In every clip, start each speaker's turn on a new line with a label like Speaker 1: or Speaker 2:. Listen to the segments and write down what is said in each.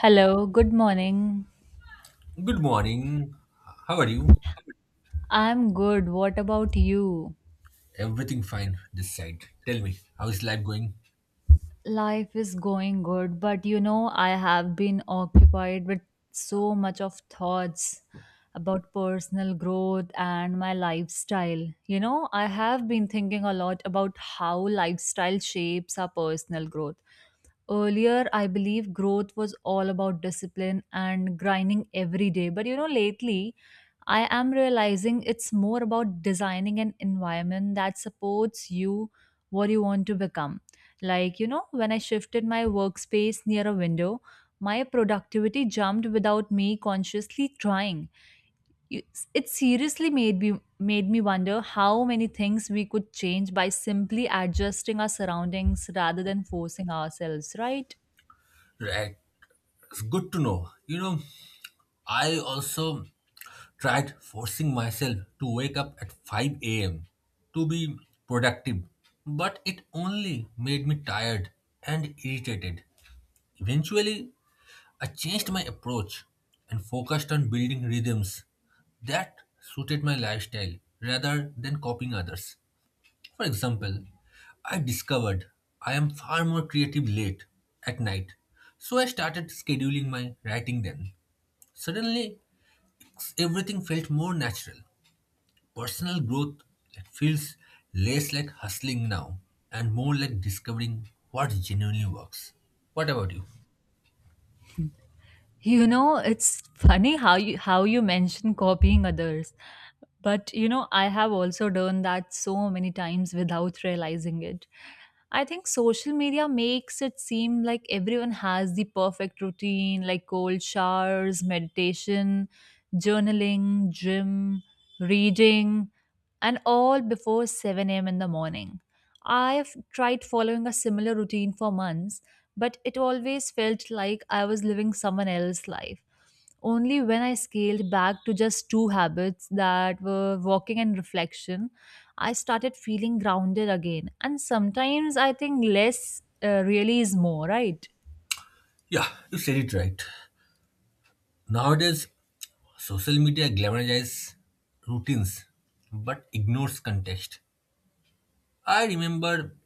Speaker 1: Hello, good morning.
Speaker 2: Good morning. How are you?
Speaker 1: I'm good. What about you?
Speaker 2: Everything fine this side. Tell me, how's life going?
Speaker 1: Life is going good, but I have been occupied with so much of thoughts about personal growth and my lifestyle. You know, I have been thinking a lot about how lifestyle shapes our personal growth. Earlier, I believe growth was all about discipline and grinding every day. But lately, I am realizing it's more about designing an environment that supports you, what you want to become. Like, you know, when I shifted my workspace near a window, my productivity jumped without me consciously trying. You- It seriously made me wonder how many things we could change by simply adjusting our surroundings rather than forcing ourselves, right?
Speaker 2: Right. It's good to know. I also tried forcing myself to wake up at 5 a.m. to be productive, but it only made me tired and irritated. Eventually, I changed my approach and focused on building rhythms that suited my lifestyle rather than copying others. For example, I discovered I am far more creative late at night, so I started scheduling my writing then. Suddenly, everything felt more natural. Personal growth, it feels less like hustling now and more like discovering what genuinely works. What about you?
Speaker 1: You know, it's funny how you mention copying others. But I have also done that so many times without realizing it. I think social media makes it seem like everyone has the perfect routine, like cold showers, meditation, journaling, gym, reading, and all before 7 a.m. in the morning. I've tried following a similar routine for months, but it always felt like I was living someone else's life. Only when I scaled back to just two habits that were walking and reflection, I started feeling grounded again. And sometimes I think less really is more, right?
Speaker 2: Yeah, you said it right. Nowadays, social media glamorizes routines but ignores context. I remember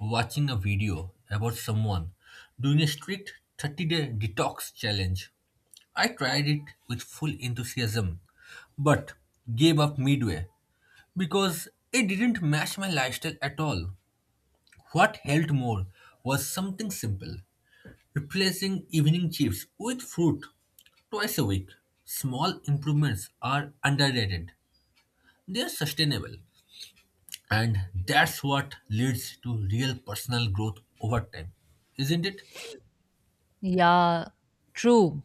Speaker 2: watching a video about someone doing a strict 30-day detox challenge. I tried it with full enthusiasm but gave up midway because it didn't match my lifestyle at all. What helped more was something simple, replacing evening chips with fruit twice a week. Small improvements are underrated, they are sustainable, and that's what leads to real personal growth over time, isn't it?
Speaker 1: Yeah, true.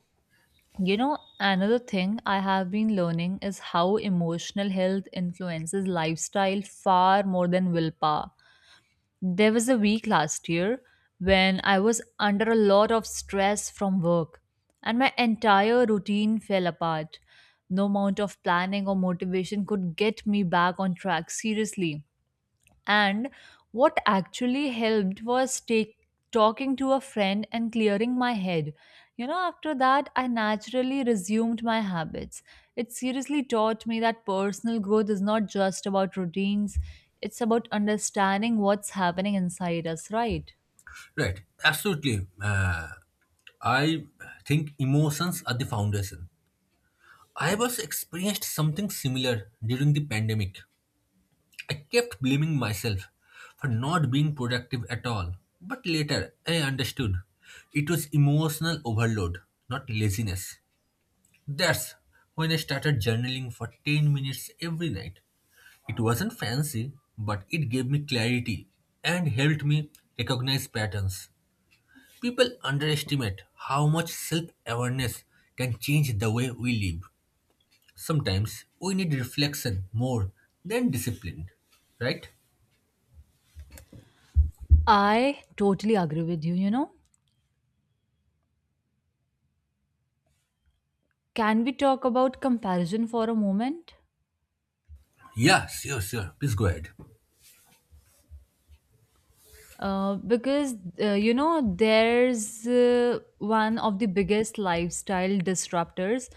Speaker 1: You know, another thing I have been learning is how emotional health influences lifestyle far more than willpower. There was a week last year when I was under a lot of stress from work and my entire routine fell apart. No amount of planning or motivation could get me back on track, seriously. And what actually helped was talking to a friend and clearing my head. You know, after that, I naturally resumed my habits. It seriously taught me that personal growth is not just about routines, it's about understanding what's happening inside us, right?
Speaker 2: Right, absolutely. I think emotions are the foundation. I was experienced something similar during the pandemic. I kept blaming myself for not being productive at all. But later, I understood it was emotional overload, not laziness. That's when I started journaling for 10 minutes every night. It wasn't fancy, but it gave me clarity and helped me recognize patterns. People underestimate how much self awareness can change the way we live. Sometimes we need reflection more than discipline, right?
Speaker 1: I totally agree with you, you know. Can we talk about comparison for a moment?
Speaker 2: Yeah, sure, sure. Please go ahead.
Speaker 1: Because you know, there's one of the biggest lifestyle disruptors.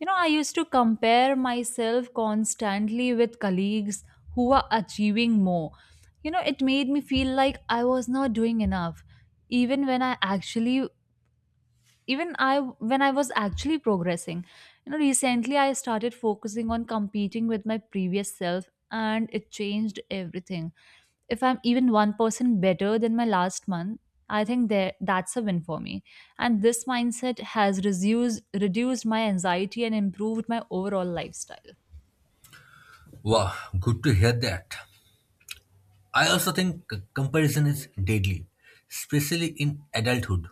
Speaker 1: You know, I used to compare myself constantly with colleagues who are achieving more. You know, it made me feel like I was not doing enough even when I actually even I when I was actually progressing. You know, recently I started focusing on competing with my previous self, and it changed everything. If I'm even 1% better than my last month, I think that's a win for me. And this mindset has reduced my anxiety and improved my overall lifestyle.
Speaker 2: Wow, good to hear that. I also think comparison is deadly, especially in adulthood.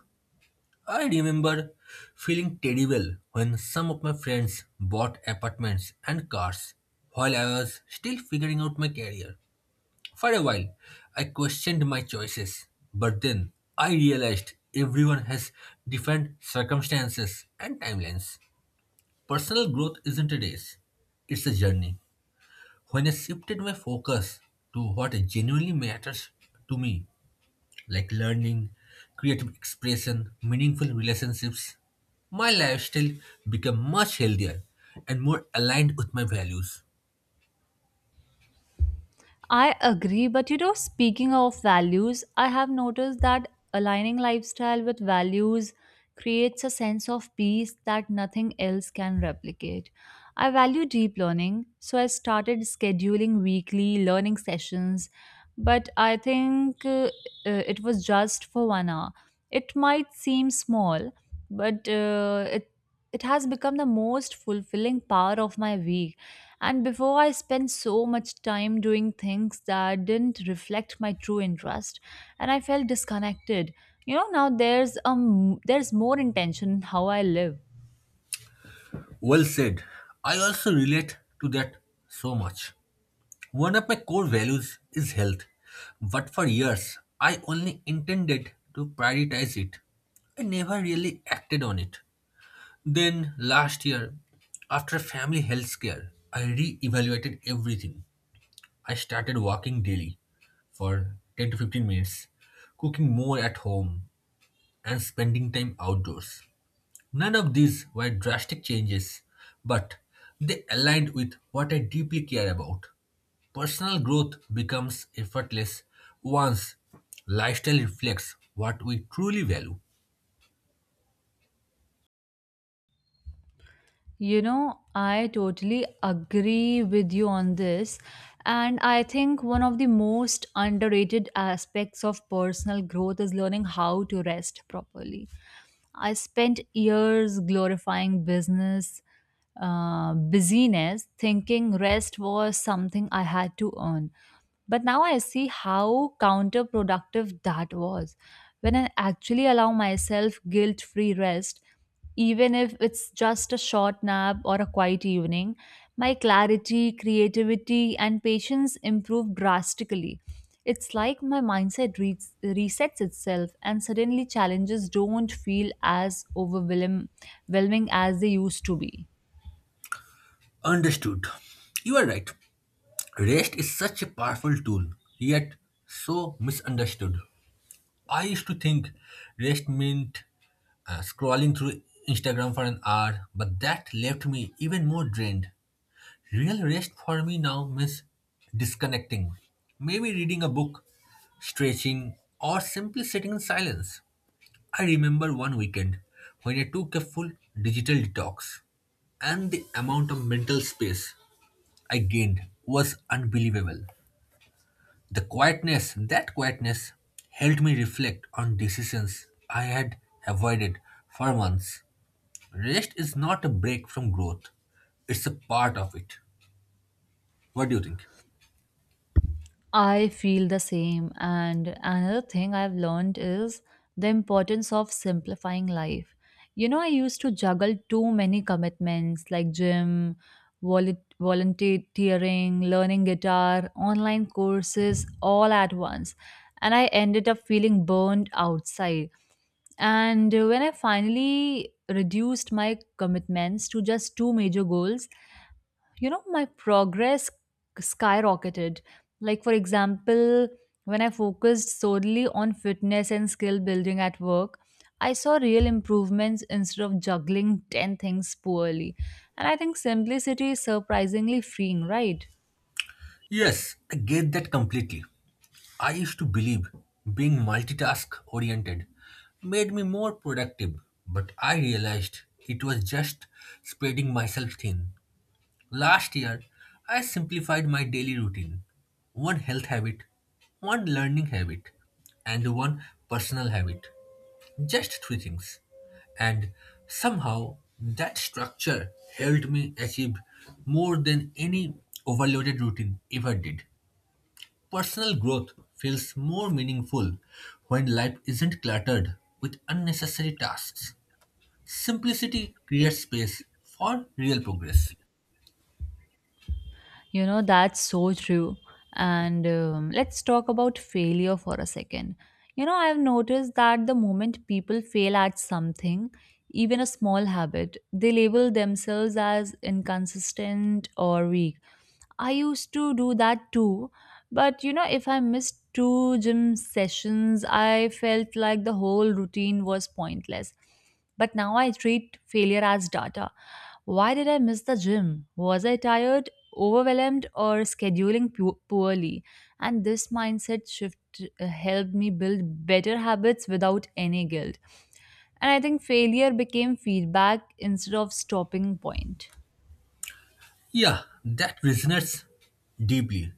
Speaker 2: I remember feeling terrible when some of my friends bought apartments and cars while I was still figuring out my career. For a while, I questioned my choices, but then I realized everyone has different circumstances and timelines. Personal growth isn't a race, it's a journey. When I shifted my focus to what genuinely matters to me, like learning, creative expression, meaningful relationships, my lifestyle became much healthier and more aligned with my values.
Speaker 1: I agree, but speaking of values, I have noticed that aligning lifestyle with values creates a sense of peace that nothing else can replicate. I value deep learning, so I started scheduling weekly learning sessions, but I think it was just for 1 hour. It might seem small, but it has become the most fulfilling part of my week. And before, I spent so much time doing things that didn't reflect my true interest and I felt disconnected. You know, now there's more intention in how I live.
Speaker 2: Well said. I also relate to that so much. One of my core values is health, but for years I only intended to prioritize it. I never really acted on it. Then last year, after family health scare, I re evaluated everything. I started walking daily for 10 to 15 minutes, cooking more at home, and spending time outdoors. None of these were drastic changes, but they aligned with what I deeply care about. Personal growth becomes effortless once lifestyle reflects what we truly value.
Speaker 1: You know, I totally agree with you on this. And I think one of the most underrated aspects of personal growth is learning how to rest properly. I spent years glorifying busyness, thinking rest was something I had to earn. But now I see how counterproductive that was. When I actually allow myself guilt free rest, even if it's just a short nap or a quiet evening, my clarity, creativity, and patience improve drastically. It's like my mindset resets itself, and suddenly challenges don't feel as overwhelming as they used to be.
Speaker 2: Understood. You are right. Rest is such a powerful tool, yet so misunderstood. I used to think rest meant scrolling through Instagram for an hour, but that left me even more drained. Real rest for me now means disconnecting, maybe reading a book, stretching, or simply sitting in silence. I remember one weekend when I took a full digital detox, and the amount of mental space I gained was unbelievable. The quietness, that quietness, helped me reflect on decisions I had avoided for months. Rest is not a break from growth, it's a part of it. What do you think?
Speaker 1: I feel the same. And another thing I've learned is the importance of simplifying life. You know, I used to juggle too many commitments like gym, volunteering, learning guitar, online courses, all at once. And I ended up feeling burned outside. And when I finally reduced my commitments to just two major goals, you know, my progress skyrocketed. Like, for example, when I focused solely on fitness and skill building at work, I saw real improvements instead of juggling 10 things poorly. And I think simplicity is surprisingly freeing, right?
Speaker 2: Yes, I get that completely. I used to believe being multitask oriented made me more productive, but I realized it was just spreading myself thin. Last year, I simplified my daily routine: one health habit, one learning habit, and one personal habit. Just three things. And somehow, that structure helped me achieve more than any overloaded routine ever did. Personal growth feels more meaningful when life isn't cluttered with unnecessary tasks. Simplicity creates space for real progress.
Speaker 1: You know, that's so true. And let's talk about failure for a second. You know, I've noticed that the moment people fail at something, even a small habit, they label themselves as inconsistent or weak. I used to do that too. But, you know, if I missed two gym sessions, I felt like the whole routine was pointless. But now I treat failure as data. Why did I miss the gym? Was I tired, overwhelmed, or scheduling poorly? And this mindset shift helped me build better habits without any guilt. And I think failure became feedback instead of stopping point.
Speaker 2: Yeah, that resonates deeply.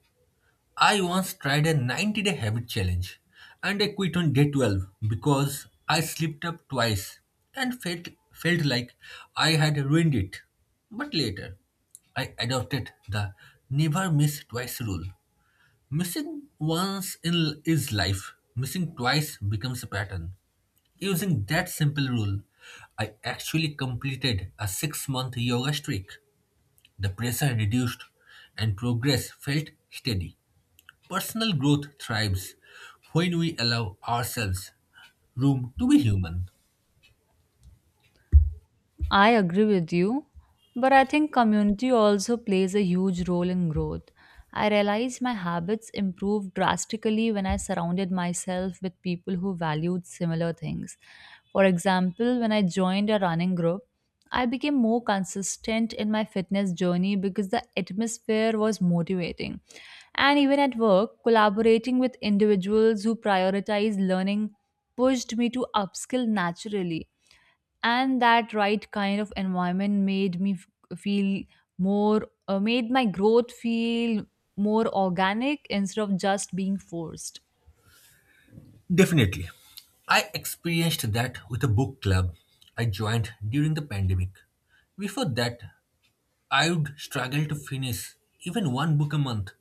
Speaker 2: I once tried a 90-day habit challenge and I quit on day 12 because I slipped up twice and felt like I had ruined it. But later, I adopted the never miss twice rule. Missing once in is life, missing twice becomes a pattern. Using that simple rule, I actually completed a 6-month yoga streak. The pressure reduced and progress felt steady. Personal growth thrives when we allow ourselves room to be human.
Speaker 1: I agree with you, but I think community also plays a huge role in growth. I realized my habits improved drastically when I surrounded myself with people who valued similar things. For example, when I joined a running group, I became more consistent in my fitness journey because the atmosphere was motivating. And even at work, collaborating with individuals who prioritize learning pushed me to upskill naturally, and that right kind of environment feel more made my growth feel more organic instead of just being forced.
Speaker 2: Definitely. I experienced that with a book club I joined during the pandemic. Before that, I would struggle to finish even one book a month,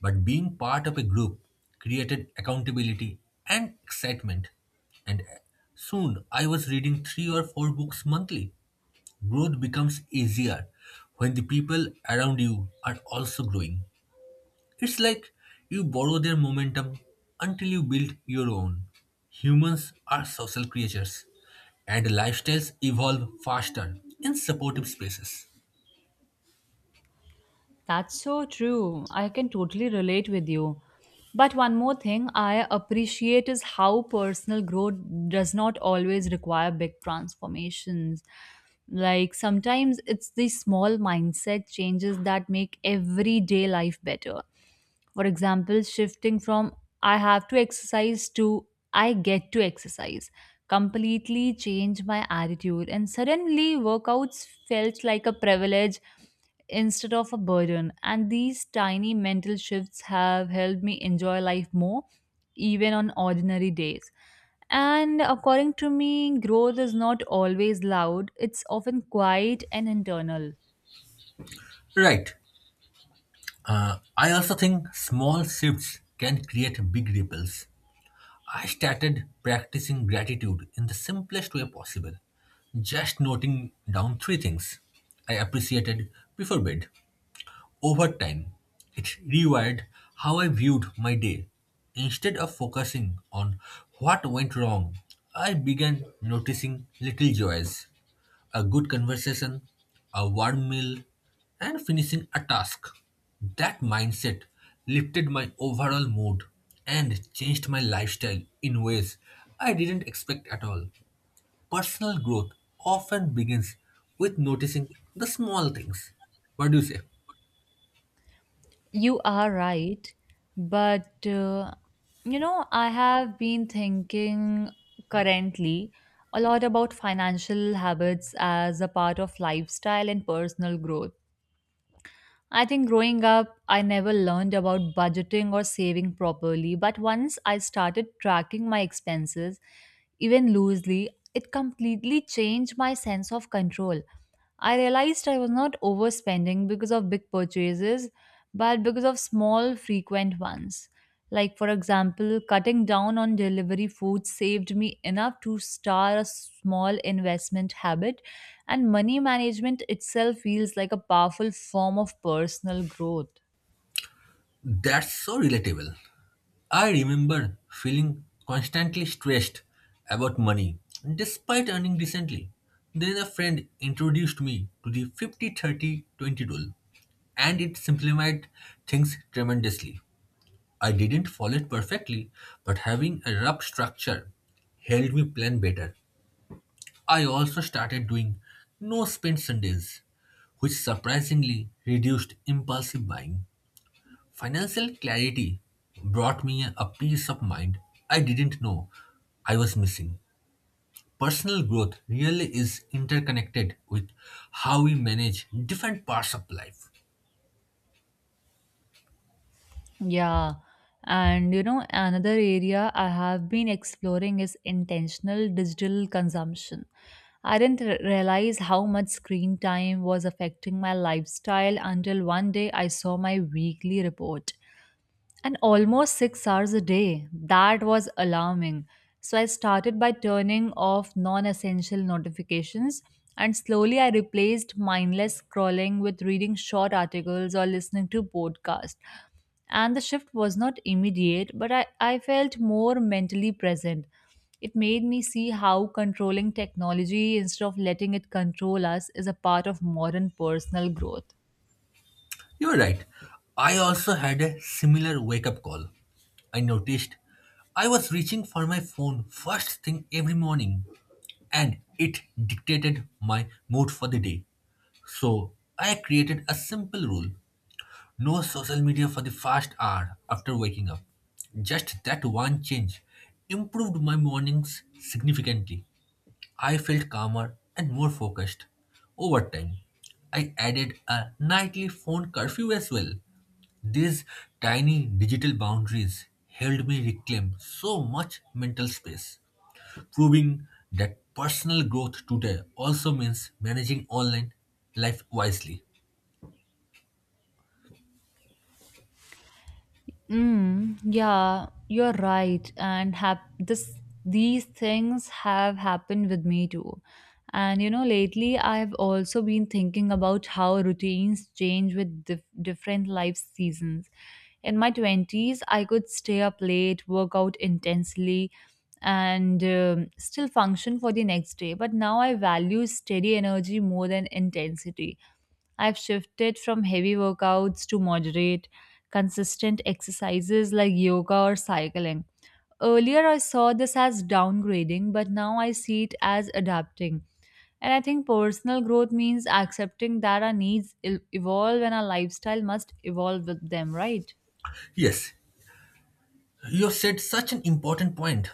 Speaker 2: but being part of a group created accountability and excitement. And soon I was reading three or four books monthly. Growth becomes easier when the people around you are also growing. It's like you borrow their momentum until you build your own. Humans are social creatures, and lifestyles evolve faster in supportive spaces.
Speaker 1: That's so true. I can totally relate with you. But one more thing I appreciate is how personal growth does not always require big transformations. Like, sometimes it's the small mindset changes that make everyday life better. For example, shifting from "I have to exercise" to "I get to exercise" completely changed my attitude, and suddenly workouts felt like a privilege instead of a burden. And these tiny mental shifts have helped me enjoy life more, even on ordinary days. And according to me, growth is not always loud, it's often quiet and internal.
Speaker 2: Right. I also think small shifts can create big ripples. I started practicing gratitude in the simplest way possible, just noting down three things I appreciated before bed. Over time, it rewired how I viewed my day. Instead of focusing on what went wrong, I began noticing little joys: a good conversation, a warm meal, and finishing a task. That mindset lifted my overall mood and changed my lifestyle in ways I didn't expect at all. Personal growth often begins with noticing the small things. What do you say?
Speaker 1: You are right, but you know, I have been thinking currently a lot about financial habits as a part of lifestyle and personal growth. I think growing up, I never learned about budgeting or saving properly, but once I started tracking my expenses, even loosely, it completely changed my sense of control. I realized I was not overspending because of big purchases, but because of small, frequent ones. Like, for example, cutting down on delivery food saved me enough to start a small investment habit, and money management itself feels like a powerful form of personal growth.
Speaker 2: That's so relatable. I remember feeling constantly stressed about money despite earning decently. Then a friend introduced me to the 50/30 20 rule, and it simplified things tremendously. I didn't follow it perfectly, but having a rough structure helped me plan better. I also started doing no spend Sundays, which surprisingly reduced impulsive buying. Financial clarity brought me a peace of mind I didn't know I was missing. Personal growth really is interconnected with how we manage different parts of life.
Speaker 1: Yeah. And you know, another area I have been exploring is intentional digital consumption. I didn't realize how much screen time was affecting my lifestyle until one day I saw my weekly report. And almost 6 hours a day. That was alarming. So I started by turning off non essential notifications, and slowly I replaced mindless scrolling with reading short articles or listening to podcasts. And the shift was not immediate, but I felt more mentally present. It made me see how controlling technology instead of letting it control us is a part of modern personal growth.
Speaker 2: You're right. I also had a similar wake up call. I noticed I was reaching for my phone first thing every morning and it dictated my mood for the day. So I created a simple rule: no social media for the first hour after waking up. Just that one change improved my mornings significantly. I felt calmer and more focused. Over time, I added a nightly phone curfew as well. These tiny digital boundaries helped me reclaim so much mental space, proving that personal growth today also means managing online life wisely.
Speaker 1: Mm, yeah, you're right. And hap- this these things have happened with me too. And you know, lately I've also been thinking about how routines change with different life seasons. In my 20s, I could stay up late, work out intensely, and still function for the next day. But now I value steady energy more than intensity. I've shifted from heavy workouts to moderate, consistent exercises like yoga or cycling. Earlier, I saw this as downgrading, but now I see it as adapting. And I think personal growth means accepting that our needs evolve and our lifestyle must evolve with them, right?
Speaker 2: Yes, you have said such an important point.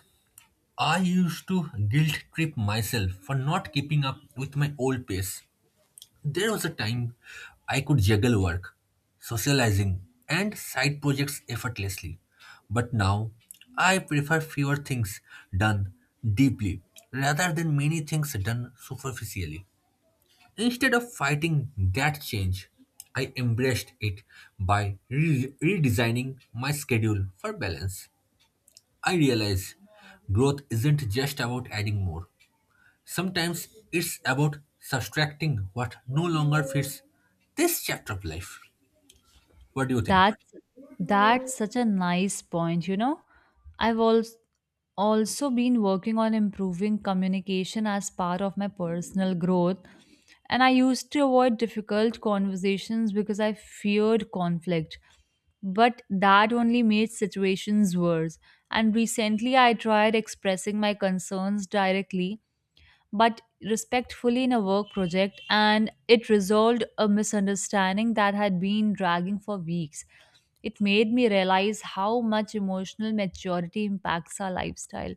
Speaker 2: I used to guilt trip myself for not keeping up with my old pace. There was a time I could juggle work, socializing, and side projects effortlessly. But now I prefer fewer things done deeply rather than many things done superficially. Instead of fighting that change, I embraced it by redesigning my schedule for balance. I realize growth isn't just about adding more. Sometimes it's about subtracting what no longer fits this chapter of life. What do you think?
Speaker 1: That's that's such a nice point, you know. I've also been working on improving communication as part of my personal growth, and I used to avoid difficult conversations because I feared conflict. But that only made situations worse. And recently, I tried expressing my concerns directly but respectfully in a work project, and it resolved a misunderstanding that had been dragging for weeks. It made me realize how much emotional maturity impacts our lifestyle.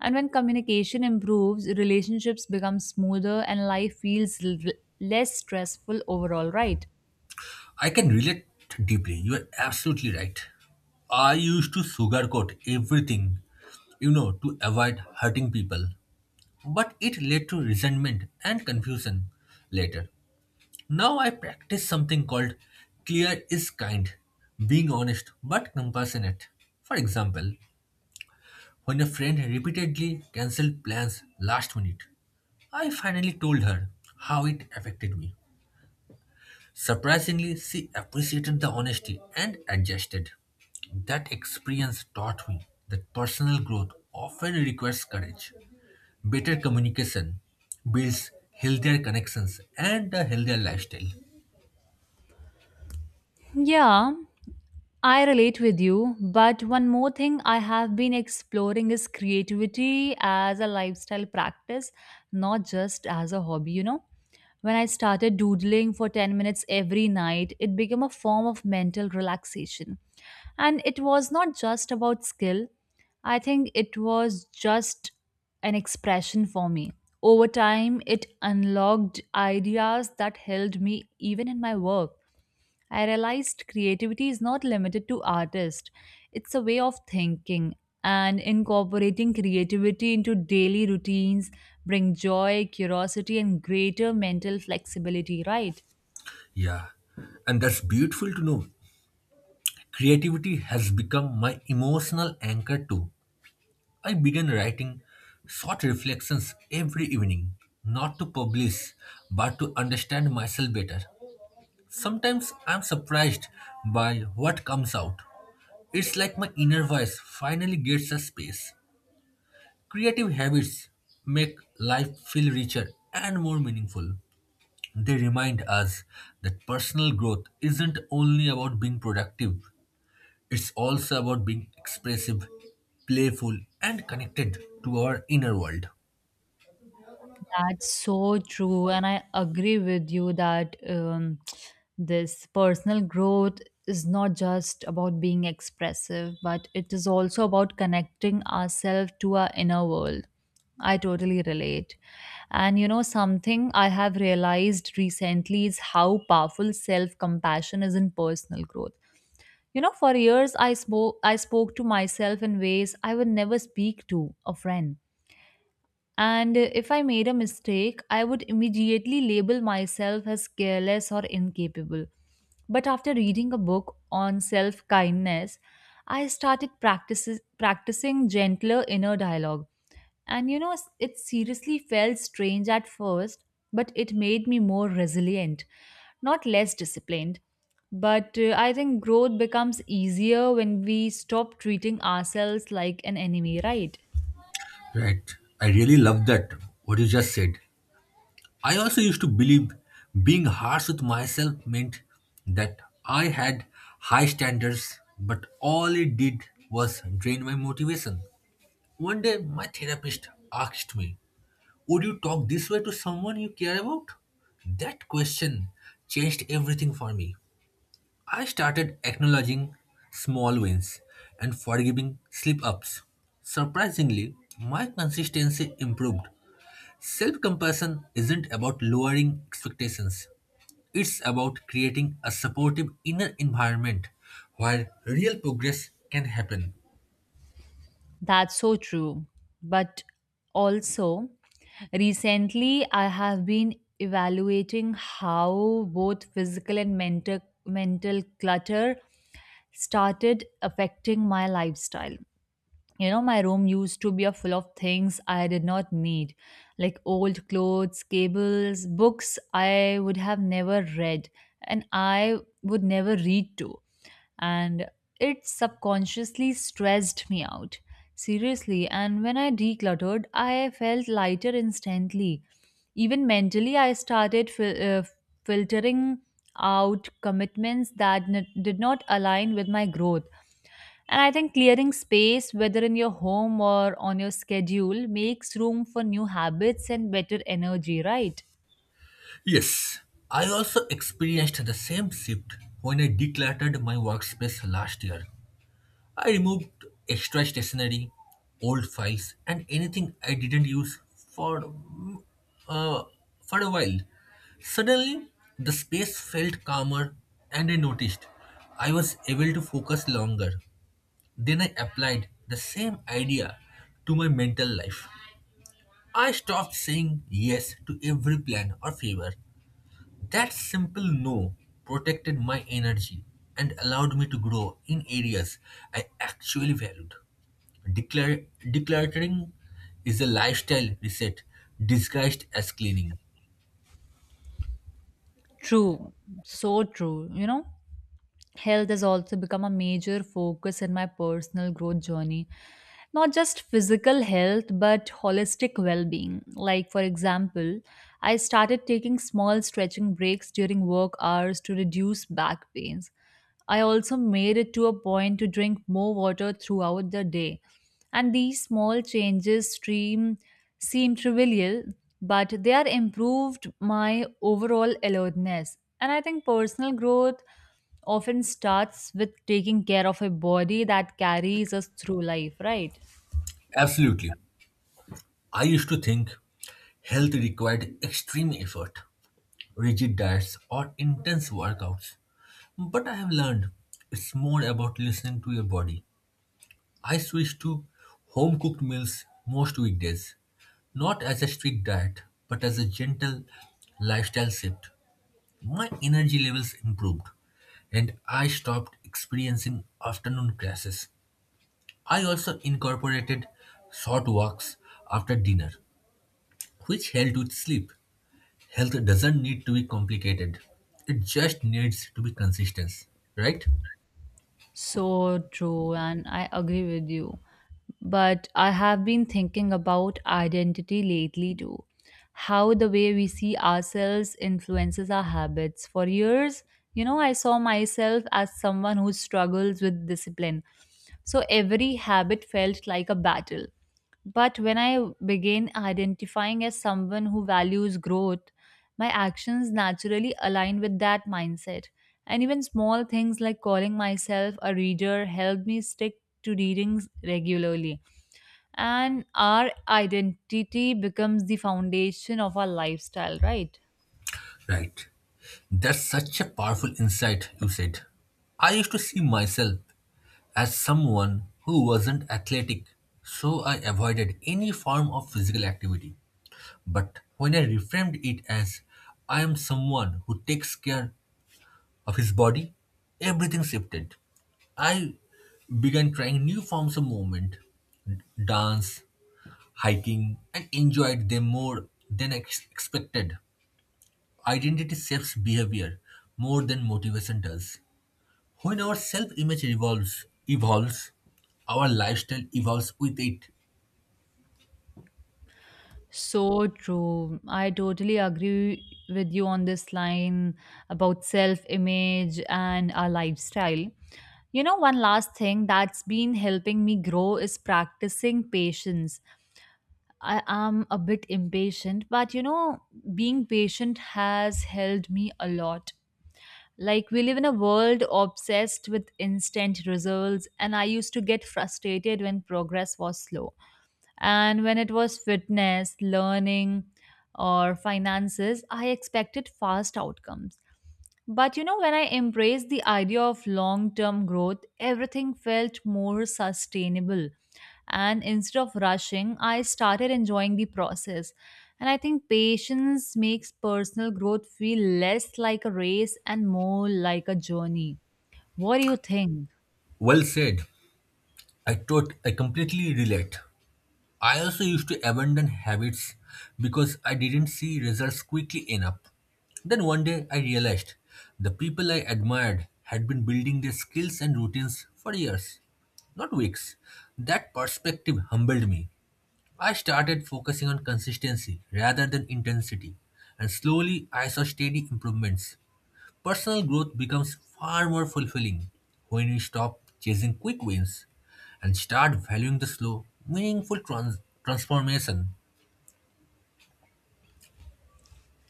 Speaker 1: And when communication improves, relationships become smoother and life feels less stressful overall, right?
Speaker 2: I can relate deeply. You are absolutely right. I used to sugarcoat everything, to avoid hurting people. But it led to resentment and confusion later. Now I practice something called clear is kind, being honest but compassionate. For example, when a friend repeatedly cancelled plans last minute, I finally told her how it affected me. Surprisingly, she appreciated the honesty and adjusted. That experience taught me that personal growth often requires courage. Better communication builds healthier connections and a healthier lifestyle.
Speaker 1: Yeah, I relate with you, but one more thing I have been exploring is creativity as a lifestyle practice, not just as a hobby, you know. When I started doodling for 10 minutes every night, it became a form of mental relaxation. And it was not just about skill, I think it was just an expression for me. Over time, it unlocked ideas that held me even in my work. I realized creativity is not limited to artists, it's a way of thinking. And incorporating creativity into daily routines bring joy, curiosity, and greater mental flexibility, right?
Speaker 2: Yeah, and that's beautiful to know. Creativity has become my emotional anchor too. I began writing short reflections every evening, not to publish, but to understand myself better. Sometimes I'm surprised by what comes out. It's like my inner voice finally gets a space. Creative habits make life feel richer and more meaningful. They remind us that personal growth isn't only about being productive, it's also about being expressive, playful, and connected to our inner world.
Speaker 1: That's so true, and I agree with you that this personal growth is not just about being expressive, but it is also about connecting ourselves to our inner world. I totally relate. And you know, something I have realized recently is how powerful self compassion is in personal growth. You know, for years I spoke to myself in ways I would never speak to a friend, and if I made a mistake, I would immediately label myself as careless or incapable. But after reading a book on self kindness, I started practicing gentler inner dialogue. And you know, it seriously felt strange at first, but it made me more resilient, not less disciplined. But I think growth becomes easier when we stop treating ourselves like an enemy, right?
Speaker 2: Right. I really love that, what you just said. I also used to believe being harsh with myself meant that I had high standards, but all it did was drain my motivation. One day, my therapist asked me, would you talk this way to someone you care about? That question changed everything for me. I started acknowledging small wins and forgiving slip ups. Surprisingly, my consistency improved. Self compassion isn't about lowering expectations, it's about creating a supportive inner environment where real progress can happen.
Speaker 1: That's so true. But also, recently I have been evaluating how both physical and mental clutter started affecting my lifestyle. You know, my room used to be a full of things I did not need, like old clothes, cables, books I would have never read and I would never read to, and it subconsciously stressed me out. Seriously, and when I decluttered, I felt lighter instantly. Even mentally, I started filtering out commitments that did not align with my growth. And I think clearing space, whether in your home or on your schedule, makes room for new habits and better energy, right?
Speaker 2: Yes, I also experienced the same shift when I decluttered my workspace last year. I removed extra stationery, old files, and anything I didn't use for uh, for a while. Suddenly, the space felt calmer, and I noticed I was able to focus longer. Then I applied the same idea to my mental life. I stopped saying yes to every plan or favor. That simple no protected my energy and allowed me to grow in areas I actually valued. Decluttering is a lifestyle reset disguised as cleaning.
Speaker 1: True, so true, you know? Health has also become a major focus in my personal growth journey. Not just physical health, but holistic well being. Like, for example, I started taking small stretching breaks during work hours to reduce back pains. I also made it to a point to drink more water throughout the day. And these small seem trivial, but they are improved my overall alertness. And I think personal growth often starts with taking care of a body that carries us through life, right?
Speaker 2: Absolutely. I used to think health required extreme effort, rigid diets, or intense workouts. But I have learned it's more about listening to your body. I switch to home cooked meals most weekdays, not as a strict diet, but as a gentle lifestyle shift. My energy levels improved and I stopped experiencing afternoon crashes. I also incorporated short walks after dinner, which helped with sleep. Health doesn't need to be complicated, it just needs to be consistent, right?
Speaker 1: So true, and I agree with you. But I have been thinking about identity lately too. How the way we see ourselves influences our habits. For years, you know, I saw myself as someone who struggles with discipline. So every habit felt like a battle. But when I began identifying as someone who values growth, my actions naturally align with that mindset. And even small things like calling myself a reader helped me stick to readings regularly. And our identity becomes the foundation of our lifestyle, right?
Speaker 2: Right. That's such a powerful insight you said. I used to see myself as someone who wasn't athletic, so I avoided any form of physical activity. But when I reframed it as, I am someone who takes care of his body, everything shifted. I began trying new forms of movement, dance, hiking, and enjoyed them more than I expected. Identity shapes behavior more than motivation does. When our self image evolves, our lifestyle evolves with it.
Speaker 1: So true. I totally agree with you on this line about self image and our lifestyle. You know, one last thing that's been helping me grow is practicing patience. I am a bit impatient, but you know, being patient has helped me a lot. Like, we live in a world obsessed with instant results, and I used to get frustrated when progress was slow. And when it was fitness, learning, or finances, I expected fast outcomes. But you know, when I embraced the idea of long term growth, everything felt more sustainable. And instead of rushing, I started enjoying the process. And I think patience makes personal growth feel less like a race and more like a journey. What do you think?
Speaker 2: Well said. I completely relate. I also used to abandon habits because I didn't see results quickly enough. Then one day I realized the people I admired had been building their skills and routines for years, not weeks. That perspective humbled me. I started focusing on consistency rather than intensity, and slowly I saw steady improvements. Personal growth becomes far more fulfilling when we stop chasing quick wins and start valuing the slow, meaningful transformation.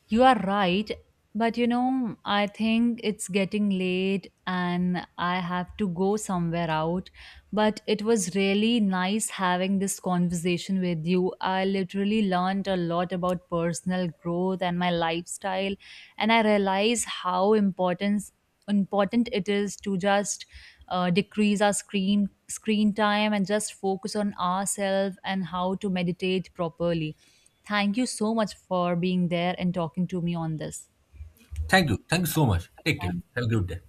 Speaker 1: You are right, but you know, I think it's getting late and I have to go somewhere out. But it was really nice having this conversation with you. I literally learned a lot about personal growth and my lifestyle, and I realize how important it is to just decrease our screen time and just focus on ourselves and how to meditate properly. Thank you so much for being there and talking to me on this.
Speaker 2: Thank you. Thank you so much. Take care.
Speaker 1: Thank
Speaker 2: Have a good day.